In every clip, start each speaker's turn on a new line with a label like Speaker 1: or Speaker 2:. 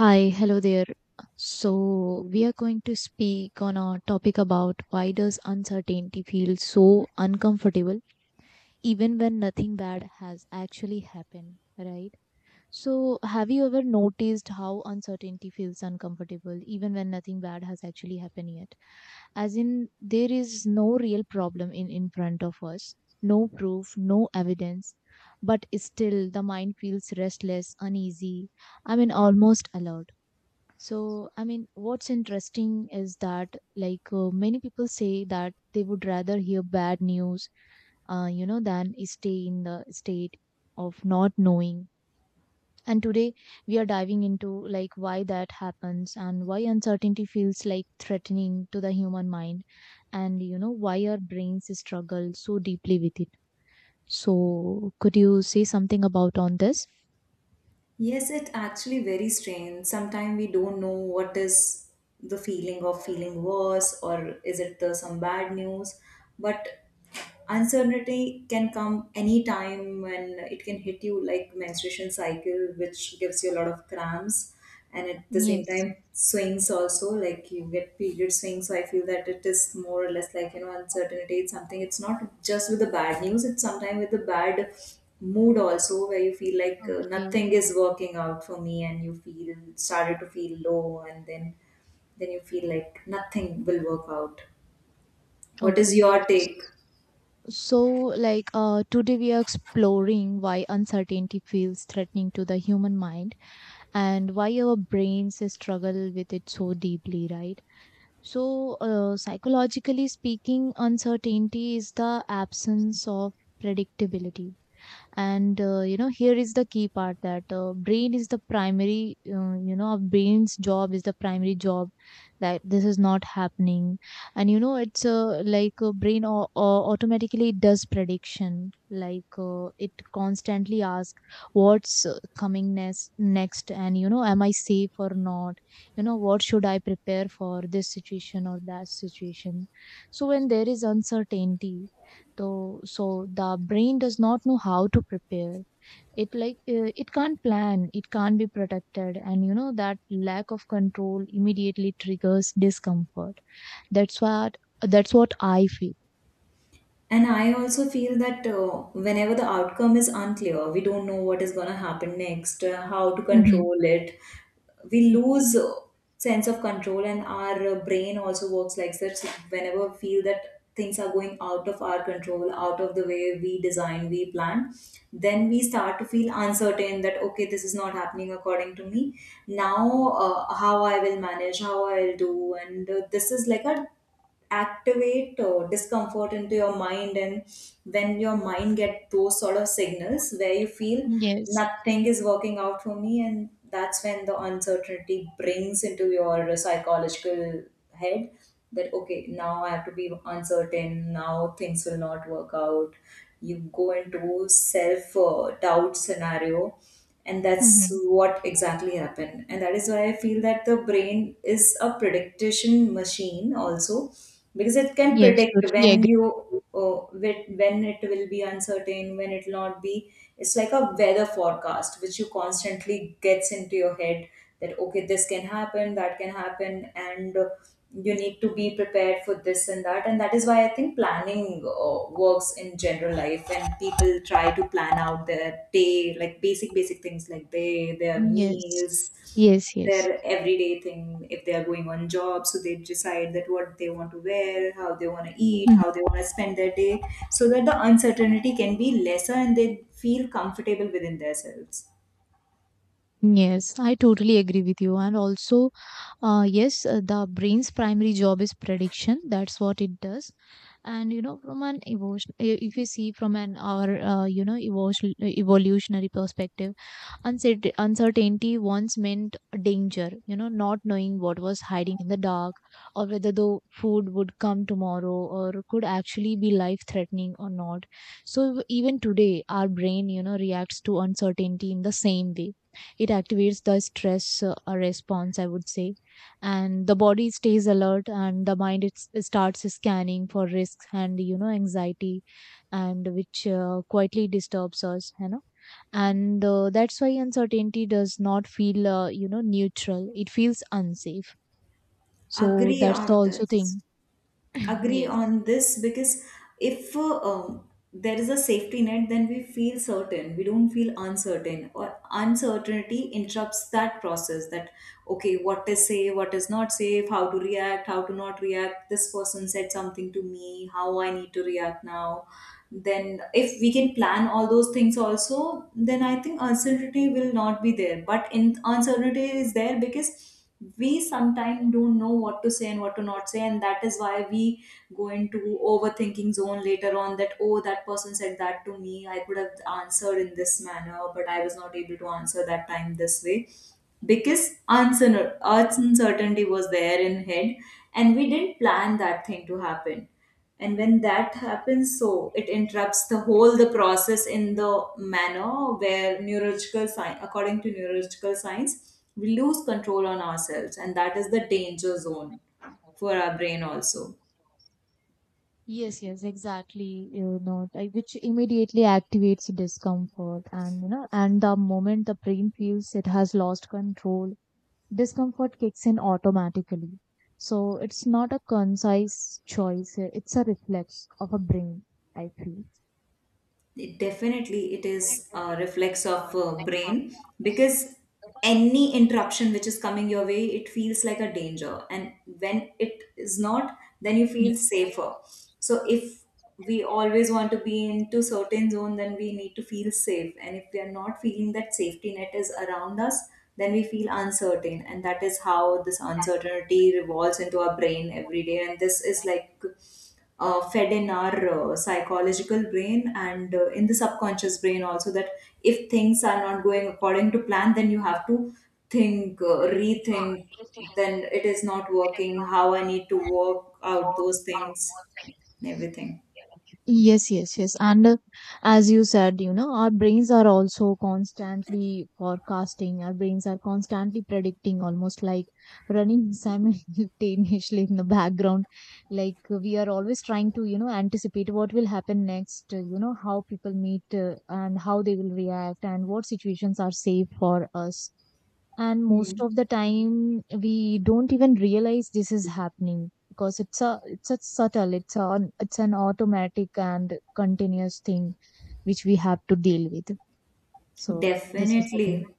Speaker 1: Hi, hello there. So, we are going to speak on a topic about why does uncertainty feel so uncomfortable even when nothing bad has actually happened, right? So, have you ever noticed how uncertainty feels uncomfortable even when nothing bad has actually happened yet? As in, there is no real problem in front of us, no proof, no evidence, but still the mind feels restless, uneasy, I mean almost alert so, I mean, what's interesting is that, like, many people say that they would rather hear bad news, you know, than stay in the state of not knowing. And today we are diving into, like, why that happens and why uncertainty feels like threatening to the human mind and, you know, why our brains struggle so deeply with it. So, could you say something about on this?
Speaker 2: Yes, it actually very strange. Sometimes we don't know what is the feeling of feeling worse or is it some bad news. But uncertainty can come anytime and it can hit you like menstruation cycle, which gives you a lot of cramps, and at the same
Speaker 1: Yes.
Speaker 2: time swings also, like you get period swings. So I feel that it is more or less like, you know, uncertainty, it's something, it's not just with the bad news, it's sometimes with the bad mood also, where you feel like
Speaker 1: Okay.
Speaker 2: nothing is working out for me and you feel started to feel low, and then you feel like nothing will work out. What is
Speaker 1: Okay.
Speaker 2: your take?
Speaker 1: So, like today, we are exploring why uncertainty feels threatening to the human mind and why our brains struggle with it so deeply, right? So, psychologically speaking, uncertainty is the absence of predictability and you know, here is the key part that brain is the primary you know, our brain's job is the primary job, that this is not happening. And you know, it's like a brain automatically does prediction, like it constantly asks what's coming next, and you know, am I safe or not, you know, what should I prepare for this situation or that situation. So when there is uncertainty, so the brain does not know how to prepare. It like it can't plan, it can't be protected, and you know that lack of control immediately triggers discomfort. That's what that's what I feel.
Speaker 2: And I also feel that whenever the outcome is unclear, we don't know what is going to happen next, how to
Speaker 1: Mm-hmm.
Speaker 2: control it. We
Speaker 1: Mm-hmm.
Speaker 2: lose sense of control, and our brain also works like such. Whenever we feel that things are going out of our control, out of the way we design, we plan, then we start to feel uncertain that okay, this is not happening according to me. Now, how I will manage, how I will do, and this is like a activate discomfort into your mind. And when your mind get those sort of signals where you feel
Speaker 1: Yes.
Speaker 2: nothing is working out for me, and that's when the uncertainty brings into your psychological head, that okay, now I have to be uncertain, now things will not work out. You go into self doubt scenario, and that's
Speaker 1: Mm-hmm.
Speaker 2: what exactly happened, and that is why I feel that the brain is a prediction machine also, because it can
Speaker 1: Yes.
Speaker 2: predict
Speaker 1: Totally
Speaker 2: when you
Speaker 1: agree.
Speaker 2: when it will be uncertain, when it will not be. It's like a weather forecast which you constantly gets into your head, that okay, this can happen, that can happen, and you need to be prepared for this and that. And that is why I think planning works in general life, when people try to plan out their day, like basic things like they their
Speaker 1: Yes.
Speaker 2: meals,
Speaker 1: Yes. Yes.
Speaker 2: their everyday thing. If they are going on job, so they decide that what they want to wear, how they want to eat,
Speaker 1: Mhm.
Speaker 2: how they want to spend their day, so that the uncertainty can be lesser and they feel comfortable within themselves.
Speaker 1: Yes, I totally agree with you. And also, yes, the brain's primary job is prediction. That's what it does. And you know, from an evolution, if you see from an or you know, evolutionary perspective, uncertainty once meant danger, you know, not knowing what was hiding in the dark or whether the food would come tomorrow, or could actually be life threatening or not. So even today our brain, you know, reacts to uncertainty in the same way. It activates the stress response, I would say, and the body stays alert and the mind, it starts scanning for risks and, you know, anxiety, and which quietly disturbs us, you know. And that's why uncertainty does not feel you know, neutral, it feels unsafe. So
Speaker 2: Agree
Speaker 1: that's the
Speaker 2: on
Speaker 1: also
Speaker 2: this.
Speaker 1: thing.
Speaker 2: Agree
Speaker 1: Yes.
Speaker 2: on this because if there is a safety net, then we feel certain, we don't feel uncertain. Or uncertainty interrupts that process, that okay, what is safe, what is not safe, how to react, how to not react, this person said something to me, how I need to react now. Then if we can plan all those things also, then I think uncertainty will not be there. But in uncertainty is there because we sometimes don't know what to say and what to not say, and that is why we go into overthinking zone later on, that oh, that person said that to me, I could have answered in this manner, but I was not able to answer that time this way because uncertainty was there in head, and we didn't plan that thing to happen. And when that happens, so it interrupts the whole the process, in the manner where neurological science, according to neurological science, we lose control on ourselves, and that is the danger zone for our brain also.
Speaker 1: Yes, yes, exactly. You know, like, which immediately activates discomfort, and you know, and the moment the brain feels it has lost control, discomfort kicks in automatically. So it's not a concise choice; it's a reflex of a brain. I feel.
Speaker 2: It definitely, it is a reflex of brain, because any interruption which is coming your way, it feels like a danger, and when it is not, then you feel
Speaker 1: Yes.
Speaker 2: safer. So if we always want to be into certain zone, then we need to feel safe, and if we are not feeling that safety net is around us, then we feel uncertain. And that is how this uncertainty revolves into our brain every day, and this is like fed in our psychological brain and in the subconscious brain also, that if things are not going according to plan, then you have to think rethink. Then it is not working, how I need to work out those things and everything.
Speaker 1: Yes, yes, yes. And as you said, you know, our brains are also constantly forecasting. Our brains are constantly predicting, almost like running simultaneously in the background. Like we are always trying to, you know, anticipate what will happen next, you know, how people meet and how they will react and what situations are safe for us. And most
Speaker 2: Hmm.
Speaker 1: of the time we don't even realize this is happening, because it's a subtle, it's an automatic and continuous thing which we have to deal with. So this is the thing.
Speaker 2: Definitely.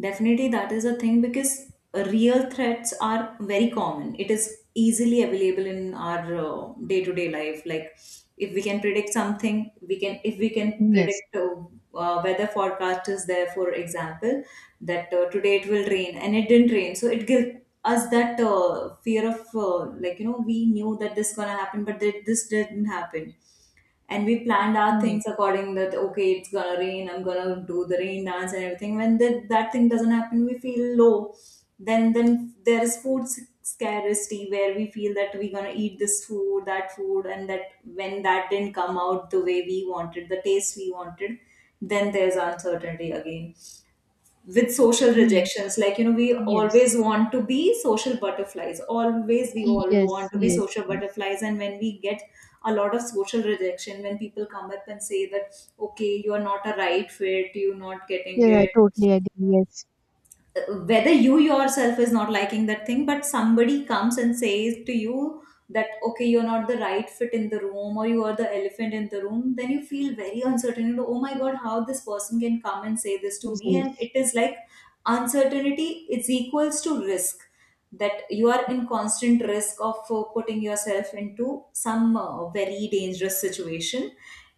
Speaker 2: Definitely, that is a thing because real threats are very common. It is easily available in our day to day life. Like, if we can predict something, we can, if we can
Speaker 1: Yes.
Speaker 2: predict weather forecast is there, for example, that today it will rain and it didn't rain. So, it gives us that fear of, like, you know, we knew that this gonna happen, but that this didn't happen. And we planned our things
Speaker 1: Yes.
Speaker 2: according that okay, it's gonna rain, I'm gonna do the rain dance and everything. When that thing doesn't happen, we feel low. Then there is scarcity, where we feel that we're gonna eat this food, that food, and that when that didn't come out the way we wanted, the taste we wanted, then there's uncertainty again. With social
Speaker 1: Yes.
Speaker 2: rejections, like, you know, we
Speaker 1: Yes.
Speaker 2: always want to be social butterflies, always, we all
Speaker 1: Yes.
Speaker 2: want to be
Speaker 1: Yes.
Speaker 2: social
Speaker 1: Yes.
Speaker 2: butterflies, and when we get a lot of social rejection, when people come up and say that okay, you are not a right fit, you're not getting
Speaker 1: Yes, I
Speaker 2: it,
Speaker 1: totally agree. Yes.
Speaker 2: whether you yourself is not liking that thing, but somebody comes and says to you that okay, you're not the right fit in the room, or you are the elephant in the room, then you feel very uncertain, you know, oh my god, how this person can come and say this to
Speaker 1: Yes.
Speaker 2: me. And
Speaker 1: Yes.
Speaker 2: it is like uncertainty is equals to risk, that you are in constant risk of putting yourself into some very dangerous situation,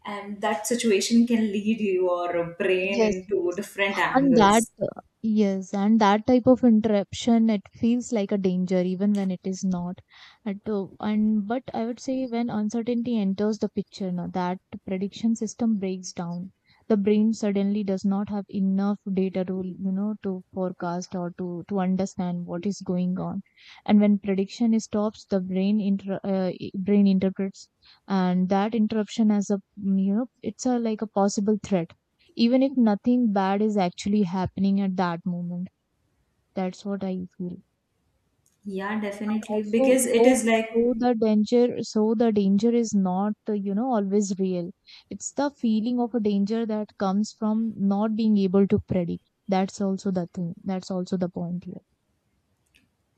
Speaker 2: and that situation can lead your brain
Speaker 1: Yes,
Speaker 2: into
Speaker 1: yes.
Speaker 2: different
Speaker 1: And that,
Speaker 2: angles.
Speaker 1: yes, and that type of interruption, it feels like a danger even when it is not. At, and but I would say, when uncertainty enters the picture, now that prediction system breaks down. The brain suddenly does not have enough data to, you know, to forecast or to understand what is going on. And when prediction is stops, the brain interprets, and that interruption as a, you know, it's a like a possible threat, even if nothing bad is actually happening at that moment. That's what I feel.
Speaker 2: Yeah,
Speaker 1: And
Speaker 2: definitely.
Speaker 1: also,
Speaker 2: Because it is like
Speaker 1: so the danger is not you know, always real. It's the feeling of a danger that comes from not being able to predict. That's also the thing. That's also the point here.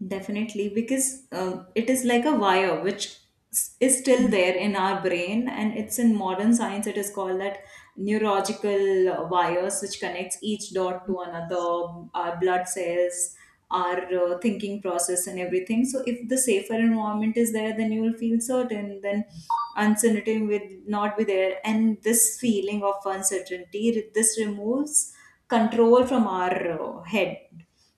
Speaker 2: definitely, because it is like a wire which is still
Speaker 1: Mm.
Speaker 2: there in our brain, and it's in modern science. It is called that neurological wires, which connects each dot to another, our blood cells, our thinking process, and everything. So, if the safer environment is there, then you will feel certain. Then uncertainty will not be there, and this feeling of uncertainty, this removes control from our head.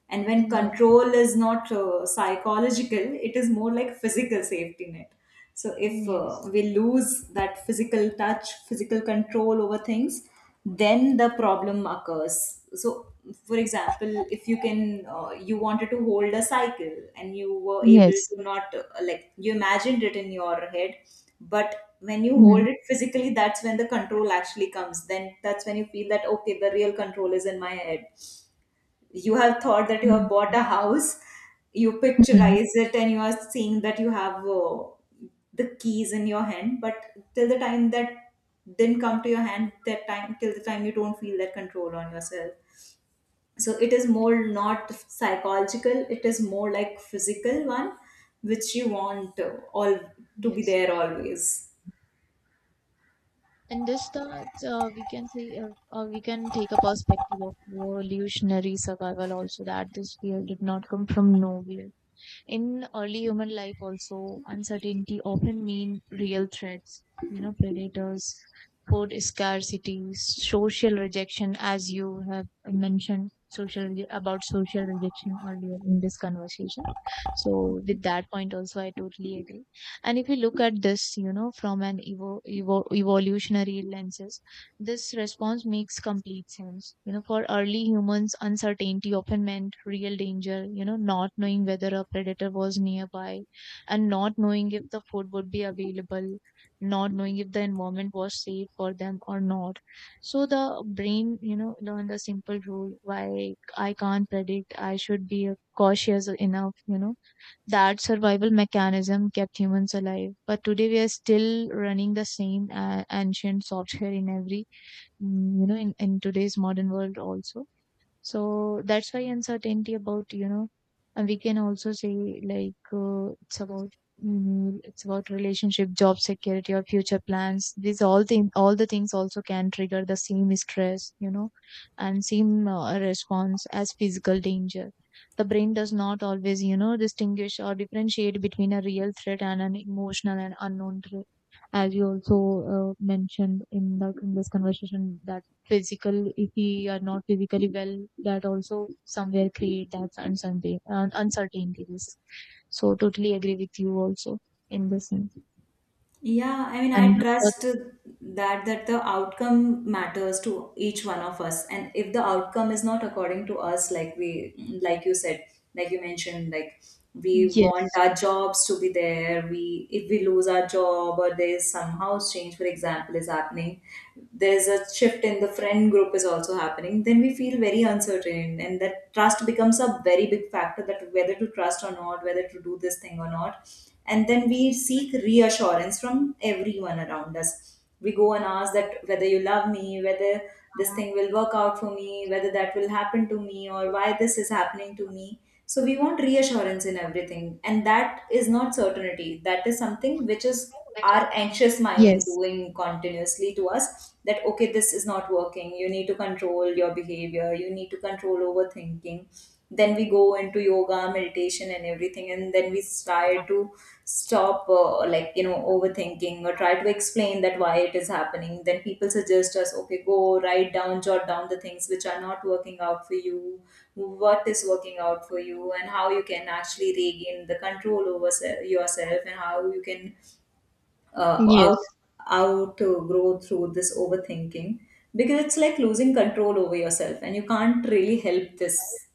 Speaker 2: And
Speaker 1: Mm,
Speaker 2: when
Speaker 1: yes.
Speaker 2: control is not psychological, it is more like physical safety net. So
Speaker 1: Mm,
Speaker 2: if
Speaker 1: yes.
Speaker 2: we lose that physical touch, physical control over things, then the problem occurs. So, for example, if you can, you wanted to hold a cycle, and you were able
Speaker 1: Yes.
Speaker 2: to not, like, you imagined it in your head, but when you
Speaker 1: Mm.
Speaker 2: hold it physically, that's when the control actually comes. Then that's when you feel that, okay, the real control is in my head. You have thought that you
Speaker 1: Mm,
Speaker 2: have bought a
Speaker 1: yes.
Speaker 2: house, you
Speaker 1: Mm.
Speaker 2: picturize it, and you are seeing that you have the keys in your hand, but till the time that didn't come to your hand, that time, till the time you don't feel that control on yourself. So it is more not psychological, it is more like physical one, which you want all to be
Speaker 1: Yes.
Speaker 2: there always.
Speaker 1: In this thought, we can say, or we can take a perspective of evolutionary survival also, that this fear did not come from nowhere. In early human life, also, uncertainty often mean real threats, you know, predators, food scarcity, social rejection, as you have mentioned about social rejection earlier in this conversation. So with that point also, I totally agree. And if you look at this, you know, from an evolutionary lenses, this response makes complete sense. You know, for early humans, uncertainty often meant real danger, you know, not knowing whether a predator was nearby, and not knowing if the food would be available, not knowing if the environment was safe for them or not. So the brain, you know, learned a simple rule, why I can't predict, I should be cautious enough, you know. That survival mechanism kept humans alive. But today we are still running the same ancient software in every you know, in today's modern world also. So that's why uncertainty, about you know, and we can also say like it's about, it's about relationship, job security, or future plans, these all things, all the things also can trigger the same stress, you know, and same response as physical danger. The brain does not always, you know, distinguish or differentiate between a real threat and an emotional and unknown threat, as you also mentioned in the in this conversation, that physical, if we are not physically well, that also somewhere create that uncertainty, uncertainties. So totally agree with you also in this thing.
Speaker 2: Yeah, I mean,
Speaker 1: And
Speaker 2: I
Speaker 1: for,
Speaker 2: trust that the outcome matters to each one of us, and if the outcome is not according to us, like we, like you said, like you mentioned, like we want
Speaker 1: yes.
Speaker 2: our jobs to be there. We, if we lose our job, or there is some house change, for example, is happening, there's a shift in the friend group is also happening. Then we feel very uncertain, and that trust becomes a very big factor, that whether to trust or not, whether to do this thing or not. And then we seek reassurance from everyone around us, we go and ask that whether you love me, whether this thing will work out for me, whether that will happen to me, or why this is happening to me. So we want reassurance in everything, and that is not certainty, that is something which is our anxious mind
Speaker 1: Yes.
Speaker 2: doing continuously to us, that okay, this is not working, you need to control your behavior, you need to control overthinking. Then we go into yoga, meditation and everything, and then we try to stop like, you know, overthinking, or try to explain that why it is happening. Then people suggest us, okay, go write down, jot down the things which are not working out for you, what is working out for you, and how you can actually regain the control over yourself, and how you can uh, out
Speaker 1: Yes.
Speaker 2: outgrow through this overthinking, because it's like losing control over yourself, and you can't really help this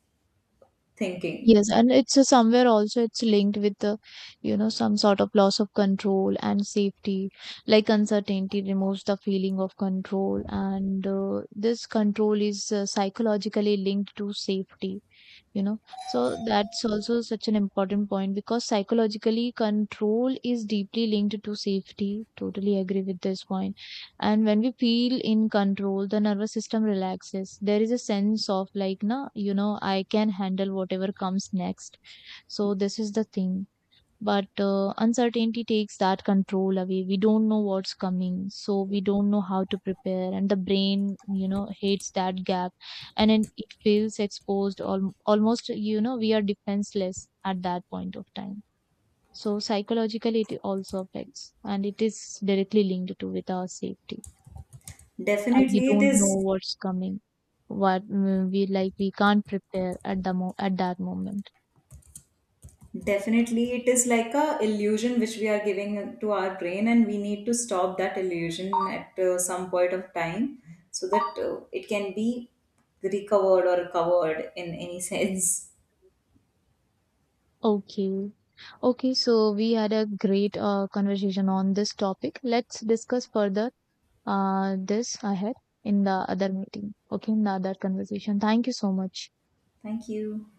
Speaker 2: thinking.
Speaker 1: Yes, and it's somewhere also, it's linked with the, you know, some sort of loss of control and safety. Like uncertainty removes the feeling of control, and this control is psychologically linked to safety, you know. So that's also such an important point, because psychologically control is deeply linked to safety, totally agree with this point. And when we feel in control, the nervous system relaxes, there is a sense of like, na, you know, I can handle whatever comes next. So this is the thing. But uncertainty takes that control away, we don't know what's coming, so we don't know how to prepare, and the brain, you know, hates that gap. And then it feels exposed, almost, you know, we are defenseless at that point of time. So psychologically it also affects, and it is directly linked to with our safety, as we
Speaker 2: Definitely, it
Speaker 1: don't know
Speaker 2: is.
Speaker 1: what's coming, what, we like we can't prepare at the at that moment.
Speaker 2: Definitely, it is like a illusion which we are giving to our brain, and we need to stop that illusion at some point of time, so that it can be recovered or recovered in any sense.
Speaker 1: Okay. Okay, so we had a great conversation on this topic. Let's discuss further this ahead in the other meeting. Okay, in the other conversation. Thank you so much.
Speaker 2: Thank you.